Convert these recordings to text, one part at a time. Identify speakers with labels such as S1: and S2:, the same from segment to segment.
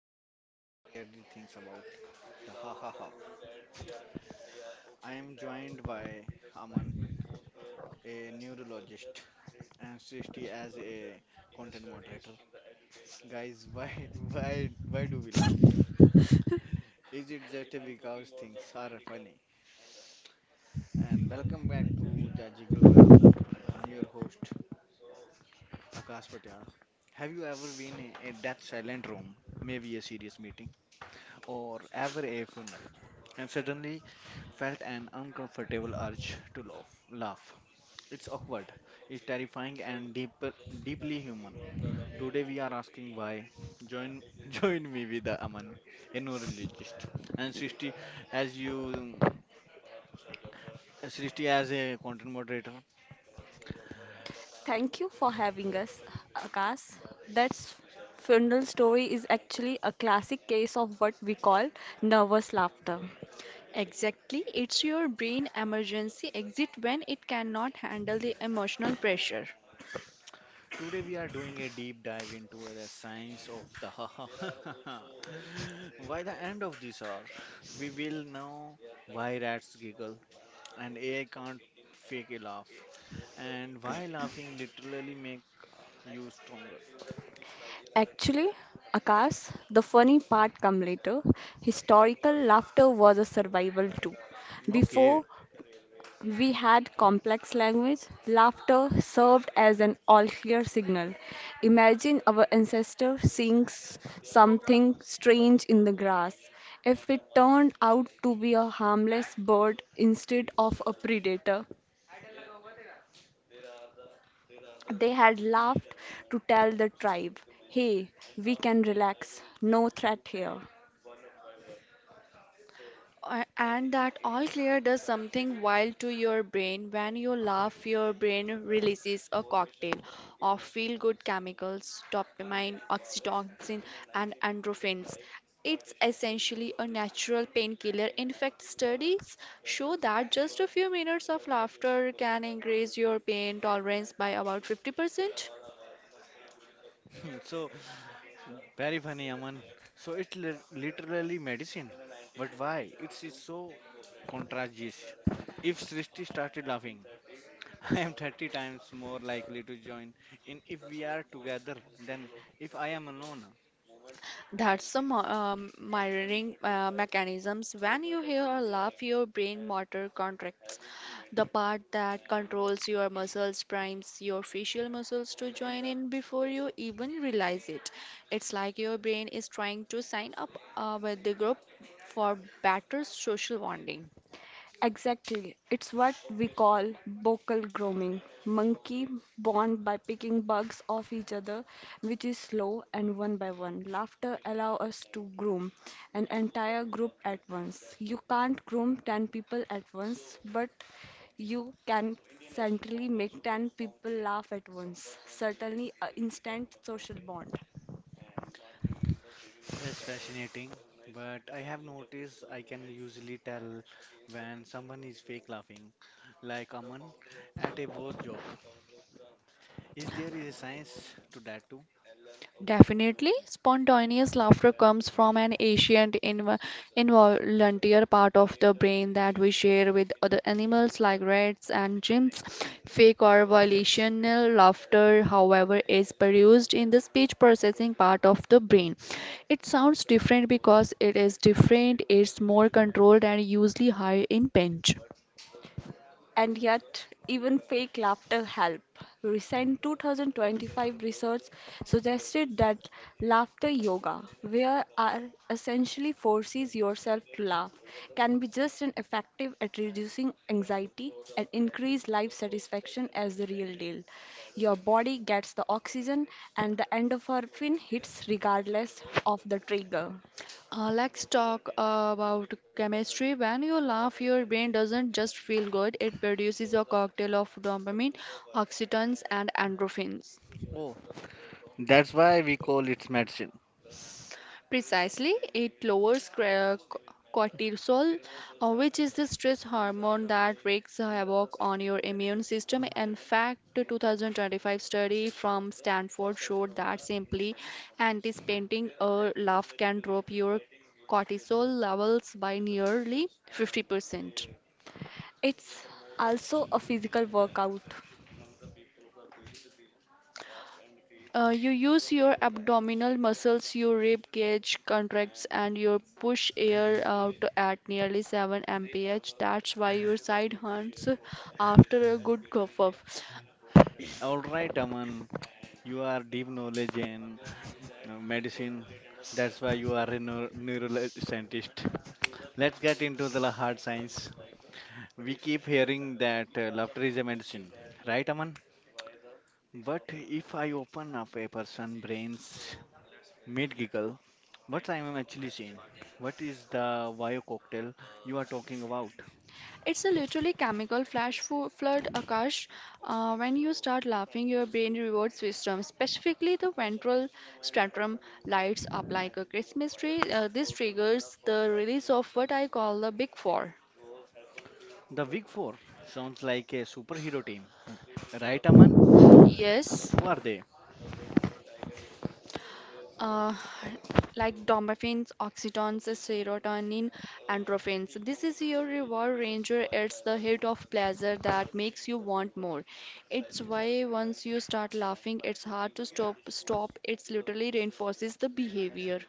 S1: might but rarely thinks about the ha ha ha. I am joined by Aman, a neurologist, and Srishti as a content moderator. Guys, why why do we laugh? Is it just because things are funny? And welcome back to the Jiggle Graph. I'm your host Akash Patel. Have you ever been in a death silent room, maybe a serious meeting, or ever a funeral, and suddenly felt an uncomfortable urge to laugh? It's awkward, it's terrifying, and deeply human. Today we are asking why. Join, join me with the Aman, a neurologist, and Srishti as you, Srishti as a content moderator.
S2: Thank you for having us, Akash. That's funeral story is actually a classic case of what we call nervous laughter.
S3: Exactly, it's your brain emergency exit when it cannot handle the emotional pressure.
S1: Today we are doing a deep dive into the science of the ha ha ha ha ha. By the end of this hour, we will know why rats giggle and AI can't fake a laugh, and why laughing literally make you stronger.
S2: Actually, Akash, the funny part come later. Historical laughter was a survival too.
S1: Okay,
S2: Before we had complex language, laughter served as an all clear signal. Imagine our ancestor seeing something strange in the grass. If it turned out to be a harmless bird instead of a predator, they had laughed to tell the tribe, hey, we can relax, no threat here.
S3: And that all clear does something wild to your brain. When you laugh, your brain releases a cocktail of feel good chemicals, dopamine, oxytocin, and endorphins. It's essentially a natural painkiller. In fact, studies show that just a few minutes of laughter can increase your pain tolerance by about 50%.
S1: so very funny, Aman. So it's literally medicine, but why? It's so contagious. If Srishti started laughing, I am 30 times more likely to join in if we are together than if I am alone.
S3: Mirroring mechanisms. When you hear a laugh, your brain motor contracts. The part that controls your muscles primes your facial muscles to join in before you even realize it. It's like your brain is trying to sign up with the group for better social bonding.
S2: Exactly. It's what we call vocal grooming. Monkey bond by picking bugs off each other, which is slow and one by one. Laughter allow us to groom an entire group at once. You can't groom 10 people at once, but you can certainly make 10 people laugh at once. Certainly, an instant social bond.
S1: That's fascinating, but I have noticed I can usually tell when someone is fake laughing, like Aman at a worse joke. Is there a science to that too?
S3: Definitely, spontaneous laughter comes from an ancient involunteer part of the brain that we share with other animals like rats and chimps. Fake or volitional laughter, however, is produced in the speech processing part of the brain. It sounds different because it is different, it's more controlled, and usually higher in pitch.
S2: And yet, even fake laughter help. Recent 2025 research suggested that laughter yoga, where are essentially forces yourself to laugh, can be just as effective at reducing anxiety and increase life satisfaction as the real deal. Your body gets the oxygen and the endorphin hits regardless of the trigger.
S3: Let's talk about chemistry. When you laugh, your brain doesn't just feel good, it produces a cocktail of dopamine, oxytocin, and endorphins.
S1: Oh, that's why we call it medicine.
S3: Precisely, it lowers cortisol, which is the stress hormone that wreaks havoc on your immune system. In fact, the 2025 study from Stanford showed that simply anticipating a laugh can drop your cortisol levels by nearly 50%.
S2: It's also a physical workout.
S3: You use your abdominal muscles, your rib cage contracts, and you push air out at nearly 7 mph. That's why your side hunts after a good cough off.
S1: All right, Aman, you are deep knowledge in medicine. That's why you are a neuroscientist. Let's get into the hard science. We keep hearing that laughter is a medicine, right, Aman? But if I open up a person's brains mid giggle. What I am actually seeing? What is the Vio cocktail you are talking about?
S3: It's a literally chemical flood, Akash. When you start laughing, your brain reward system, specifically the ventral stratum, lights up like a Christmas tree. This triggers the release of what I call the big four.
S1: The Big Four sounds like a superhero team. Right, Aman?
S3: Yes.
S1: Who are they?
S3: uh, like dopamines, oxytocins, serotonin, endorphins. This is your reward ranger. It's the hit of pleasure that makes you want more. It's why once you start laughing, it's hard to stop. It's literally reinforces the behavior.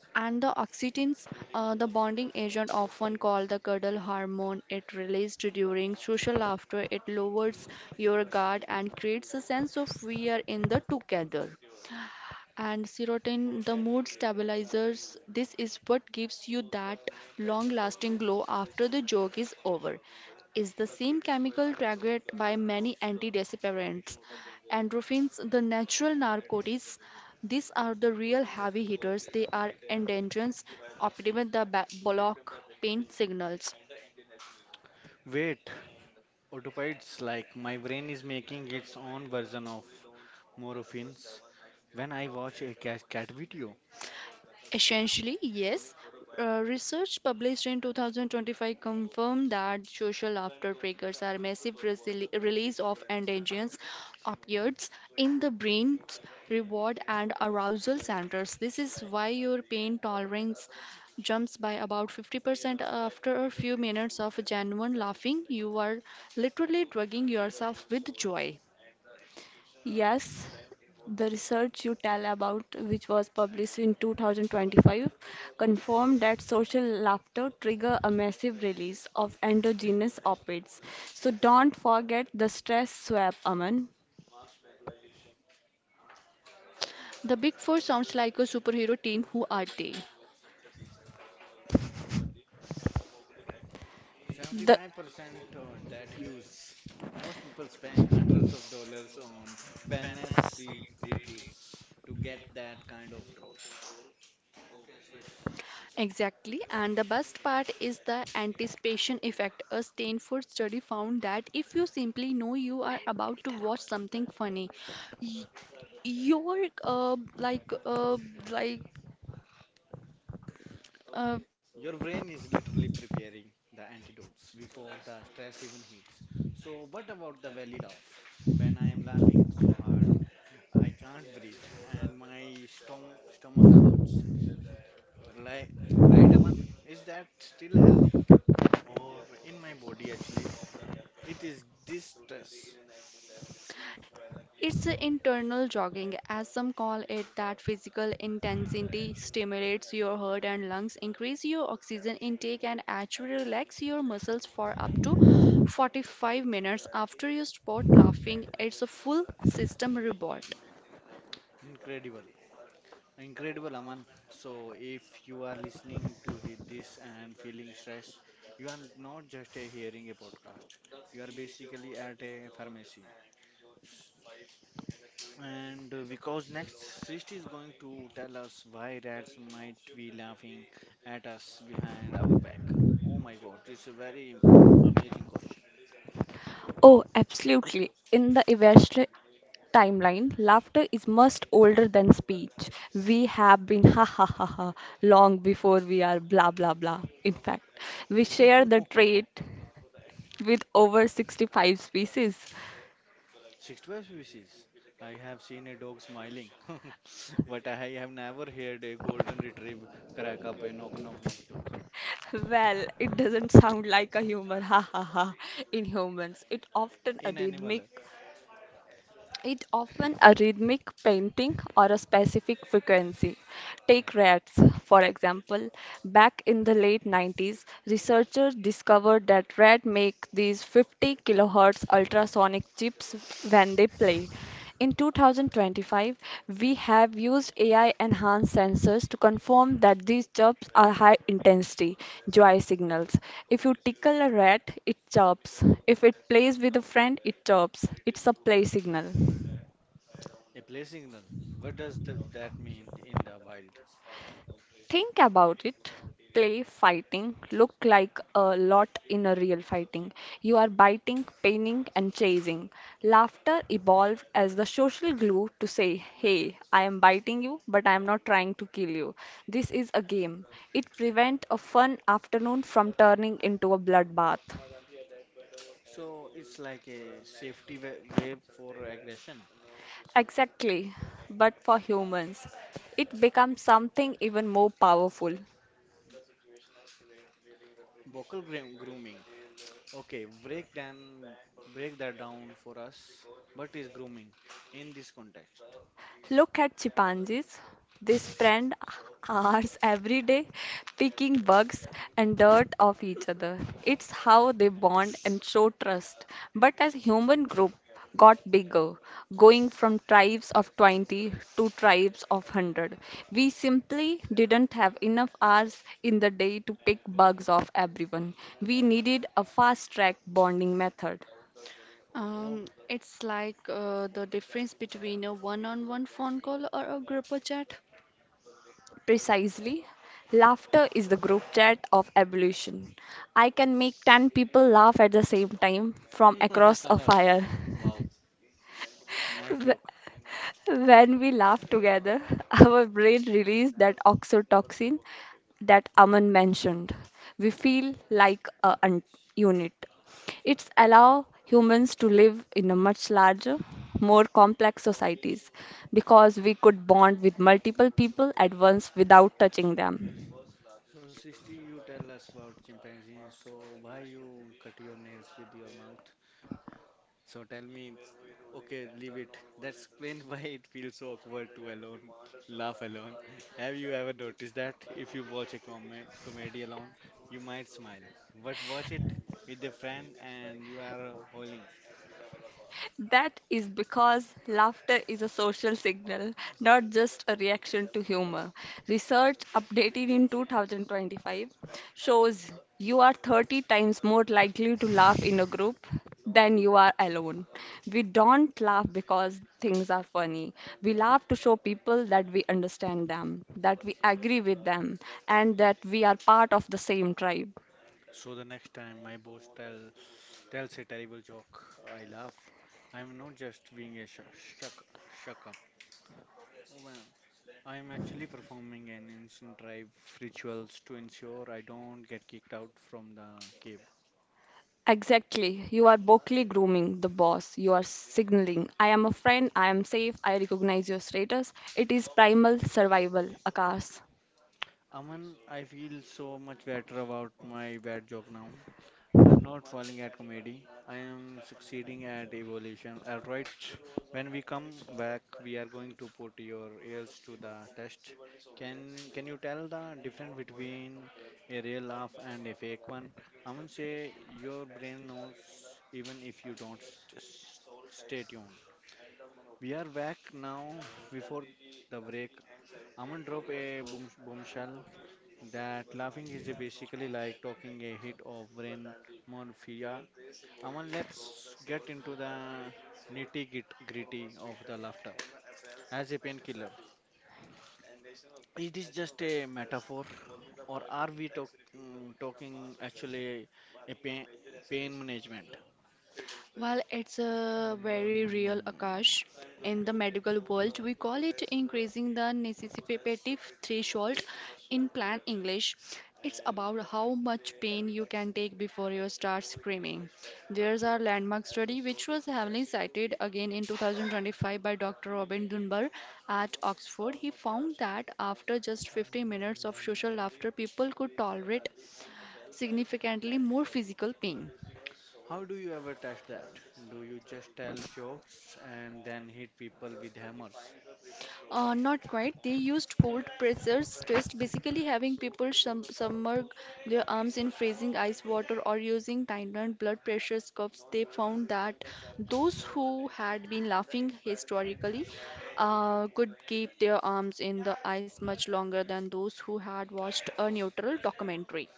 S3: And the oxytocins, the bonding agent often called the cuddle hormone, it released during social laughter. It lowers your guard and creates a sense of we are in the together. And serotonin, the mood stabilizers. This is what gives you that long lasting glow after the joke is over. Is the same chemical triggered by many antidepressants. Endorphins, the natural narcotics, these are the real heavy hitters. They are endorphins, optimize the block pain signals.
S1: Wait, octopides, like my brain is making its own version of morphines. When I watch a cat video,
S3: Essentially, yes. Research published in 2025 confirmed that social laughter triggers a massive release of endogenous opioids in the brain's reward and arousal centers. This is why your pain tolerance jumps by about 50% after a few minutes of genuine laughing. You are literally drugging yourself with joy.
S2: Yes, the research you tell about, which was published in 2025, confirmed that social laughter trigger a massive release of endogenous opiates. So don't forget the stress swap, Aman.
S3: The Big Four sounds like a superhero team. Who are they?
S2: The
S1: 75% uh, that hues. Most people spend hundreds of dollars on wellness retreats to get that kind of drop.
S3: Exactly, and the best part is the anticipation effect. A Stanford study found that if you simply know you are about to watch something funny, y- your uh, like uh, like uh,
S1: Your brain is literally preparing the antidotes before the stress even hits. So, what about the valley laugh? When I am laughing so hard, I can't breathe and my stomach hurts. Like, right, Aman? Is that still healthy? Or in my body, actually, it is this stress.
S3: it's a internal jogging, as some call it, that physical intensity stimulates your heart and lungs, increase your oxygen intake, and actually relax your muscles for up to 45 minutes after you stop laughing. It's a full system reboot.
S1: Incredible. Incredible, Aman. So, if you are listening to this and feeling stressed, you are not just a hearing a podcast. You are basically at a pharmacy. And because next Srishti is going to tell us why rats might be laughing at us behind our back. Oh my God, it's a very amazing question.
S2: oh, absolutely. In the evolutionary timeline, laughter is much older than speech. We have been ha ha ha ha long before we are blah blah blah. In fact, we share the trait with over 65 species.
S1: 65 species. I have seen a dog smiling, but I have never heard a golden retrieve crack up a knock knock knock joke.
S2: Well, it
S1: Hmm.
S2: doesn't sound like a human, ha ha ha, in humans.
S1: In animal,
S2: It often a rhythmic painting or a specific frequency. Take rats, for example. Back in the late 90s, researchers discovered that rats make these 50 kilohertz ultrasonic chips when they play. In 2025, we have used AI enhanced sensors to confirm that these chirps are high intensity joy signals. If you tickle a rat, it chirps. If it plays with a friend, it chirps. It's a play signal.
S1: a play signal. What does th that mean in the wild?
S2: Think about it, play fighting look like a lot in a real fighting. You are biting, paining, and chasing. Laughter evolved as the social glue to say, "Hey, I am biting you, but I am not trying to kill you. This is a game." It prevents a fun afternoon from turning into a bloodbath.
S1: So it's like a safety wave for aggression.
S2: Exactly, but for humans, it becomes something even more powerful.
S1: Vocal grooming. Okay, break that down for us. What is grooming in this context?
S2: Look at chimpanzees. They spend hours every day picking bugs and dirt off each other. It's how they bond and show trust. But as human group got bigger, going from tribes of 20 to tribes of 100, we simply didn't have enough hours in the day to pick bugs off everyone. We needed a fast track bonding method.
S1: Oh,
S3: It's like the difference between a one-on-one phone call or a group chat.
S2: Precisely. Laughter is the group chat of evolution. I can make 10 people laugh at the same time from across a fire.
S1: wow, nice joke.
S2: When we laugh together, our brain releases that oxytocin that Aman mentioned. We feel like a unit. It's allow humans to live in a much larger, more complex societies because we could bond with multiple people at once without touching them.
S1: So, Srishti, you tell us about chimpanzees. So, why you cut your nails with your mouth? So, tell me, okay, leave it. That's explain why it feels so awkward to alone laugh alone. Have you ever noticed that if you watch a comedy alone, you might smile, but watch it with a friend and you are howling.
S2: That is because laughter is a social signal, not just a reaction to humor. Research updated in 2025 shows you are 30 times more likely to laugh in a group than you are alone. We don't laugh because things are funny. We laugh to show people that we understand them, that we agree with them, and that we are part of the same tribe.
S1: So the next time my boss tells a terrible joke, I laugh. I'm not just being a shuck shuck up. Oh, man, I am actually performing an ancient tribe rituals to ensure I don't get kicked out from the cave.
S2: Exactly. You are vocally grooming the boss. You are signaling, I am a friend, I am safe, I recognize your status. It is primal survival, Akash.
S1: Aman, I feel so much better about my bad joke now. I'm not falling at comedy. I am succeeding at evolution. Alright, when we come back, we are going to put your ears to the test. Can you tell the difference between a real laugh and a fake one? Aman say your brain knows even if you don't stay tuned. We are back now before the break. Aman dropped a bombshell that laughing is basically like talking a hit of brain morphia. Aman, let's get into the nitty gritty of the laughter as a painkiller. Is this just a metaphor or are we talking actually a pain management?
S3: While it's a very real
S1: Mm.
S3: Akash. In the medical world, we call it increasing the necessitative threshold in plain English. It's about how much pain you can take before you start screaming. There's a landmark study which was heavily cited again in 2025 by Dr. Robin Dunbar at Oxford. He found that after just 50 minutes of social laughter, people could tolerate significantly more physical pain.
S1: How do you ever test that? Do you just tell jokes and then hit people with hammers?
S3: Not quite. They used cold pressures test, basically having people submerge their arms in freezing ice water or using timed blood pressure cuffs. They found that those who had been laughing historically could keep their arms in the ice much longer than those who had watched a neutral documentary.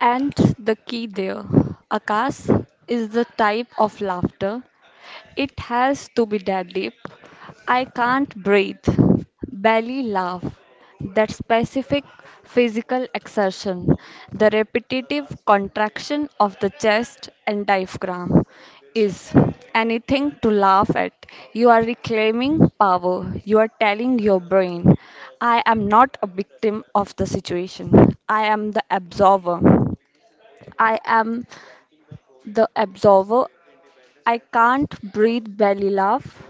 S2: And the key there, Akash, is the type of laughter. It has to be deadly, I can't breathe, belly laugh, that specific physical exertion, the repetitive contraction of the chest and diaphragm is anything to laugh at. You are reclaiming power. You are telling your brain, I am not a victim of the situation. I am the absorber. I am the absorber I can't breathe belly laugh.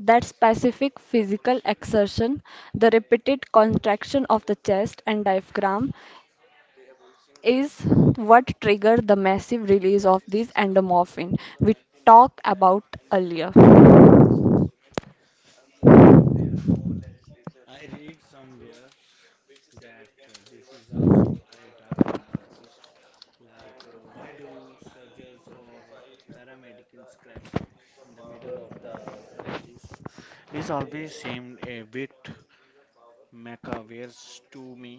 S2: That specific physical exertion, the repeated contraction of the chest and diaphragm, is what triggered the massive release of this endomorphin we talked about earlier.
S1: I read somewhere that this is also why dark humor exists. Like, why do surgeons or paramedics crack jokes in the middle of the crisis? It's always seemed a bit macabre to me.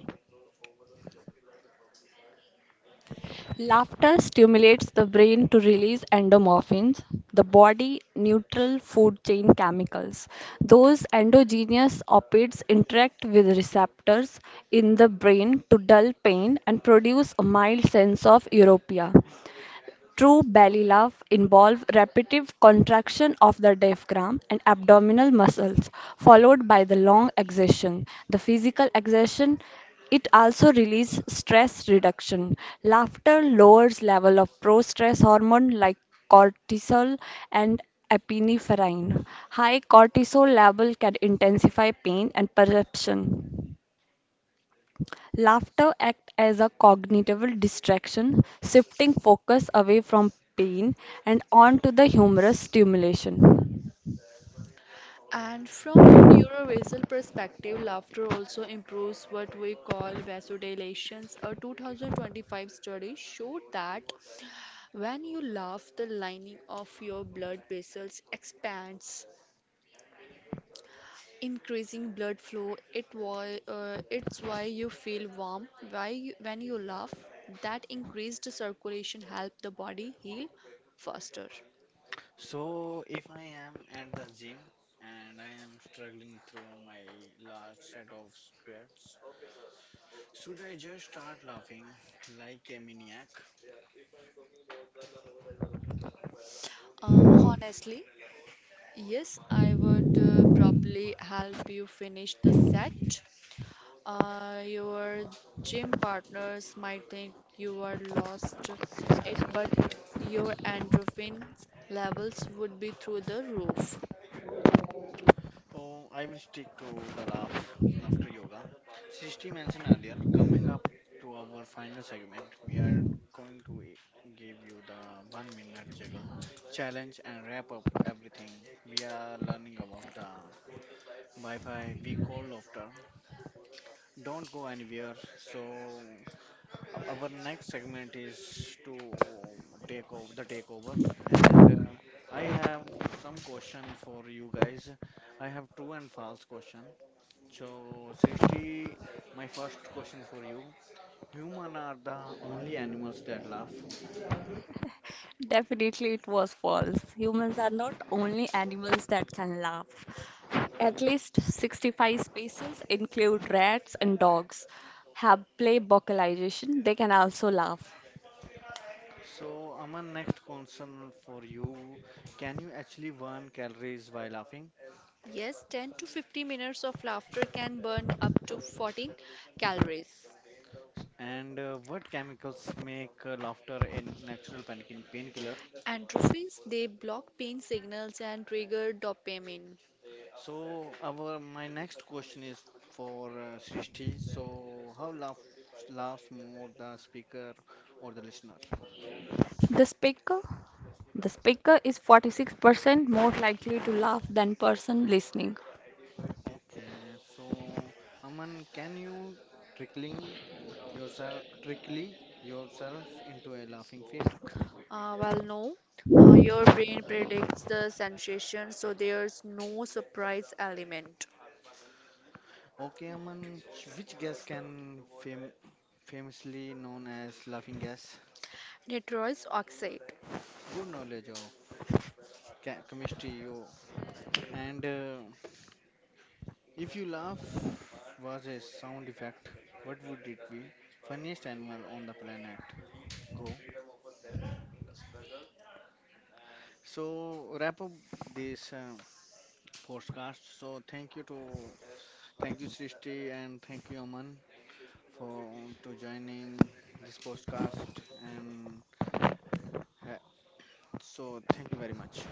S2: Laughter stimulates the brain to release endorphins, the body neutral food chain chemicals. Those endogenous opiates interact with receptors in the brain to dull pain and produce a mild sense of euphoria. True belly love involves repetitive contraction of the diaphragm and abdominal muscles, followed by the long exertion. The physical exertion it also releases stress reduction. Laughter lowers level of pro-stress hormone like cortisol and epinephrine. High cortisol level can intensify pain and perception. Laughter acts as a cognitive distraction, shifting focus away from pain and onto the humorous stimulation.
S3: And from a neurovascular perspective, laughter also improves what we call vasodilations. A 2025 study showed that when you laugh, the lining of your blood vessels expands, increasing blood flow. It why, it's why you feel warm. When you laugh, that increased circulation help the body heal faster.
S1: So, if I am at the gym and I am struggling through my last set of squats, should I just start laughing like a maniac?
S3: Honestly, yes, I would probably help you finish the set. Your gym partners might think you are lost it, but your endorphin levels would be through the roof.
S1: Oh, I will stick to the laughter yoga. Srishti mentioned earlier, coming up to our final segment, we are going to give you the 1-minute juggle challenge and wrap up everything we are learning about the Wi Fi we call laughter. Don't go anywhere. So our next segment is to take over the takeover, and I have some question for you guys. I have true and false question. So, Srishti, my first question for you: Human are the only animals that laugh.
S2: Definitely, it was false. Humans are not only animals that can laugh. At least 65 species, include rats and dogs, have play vocalization. They can also laugh.
S1: So, Aman, next concern for you: Can you actually burn calories while laughing?
S3: Yes, 10 to 50 minutes of laughter can burn up to 14 calories.
S1: And what chemicals make laughter a natural painkiller?
S3: Endorphins, they block pain signals and trigger dopamine.
S1: So our my next question is for Srishti. So how laughs more the speaker or the listener?
S2: The speaker, the speaker is 46% more likely to laugh than person listening.
S1: Okay, so Aman, can you trickling yourself trickly yourself into a laughing fit?
S3: Well, no. Your brain predicts the sensation, so there's no surprise element.
S1: Okay, Aman, which gas can famously known as laughing gas?
S3: Nitrous oxide.
S1: Good knowledge of ca chemistry, yo. And if you laugh was a sound effect, what would it be? Funniest animal on the planet. Go. So wrap up this podcast. So thank you Srishti and thank you Aman for to joining this podcast and ha- so thank you very much.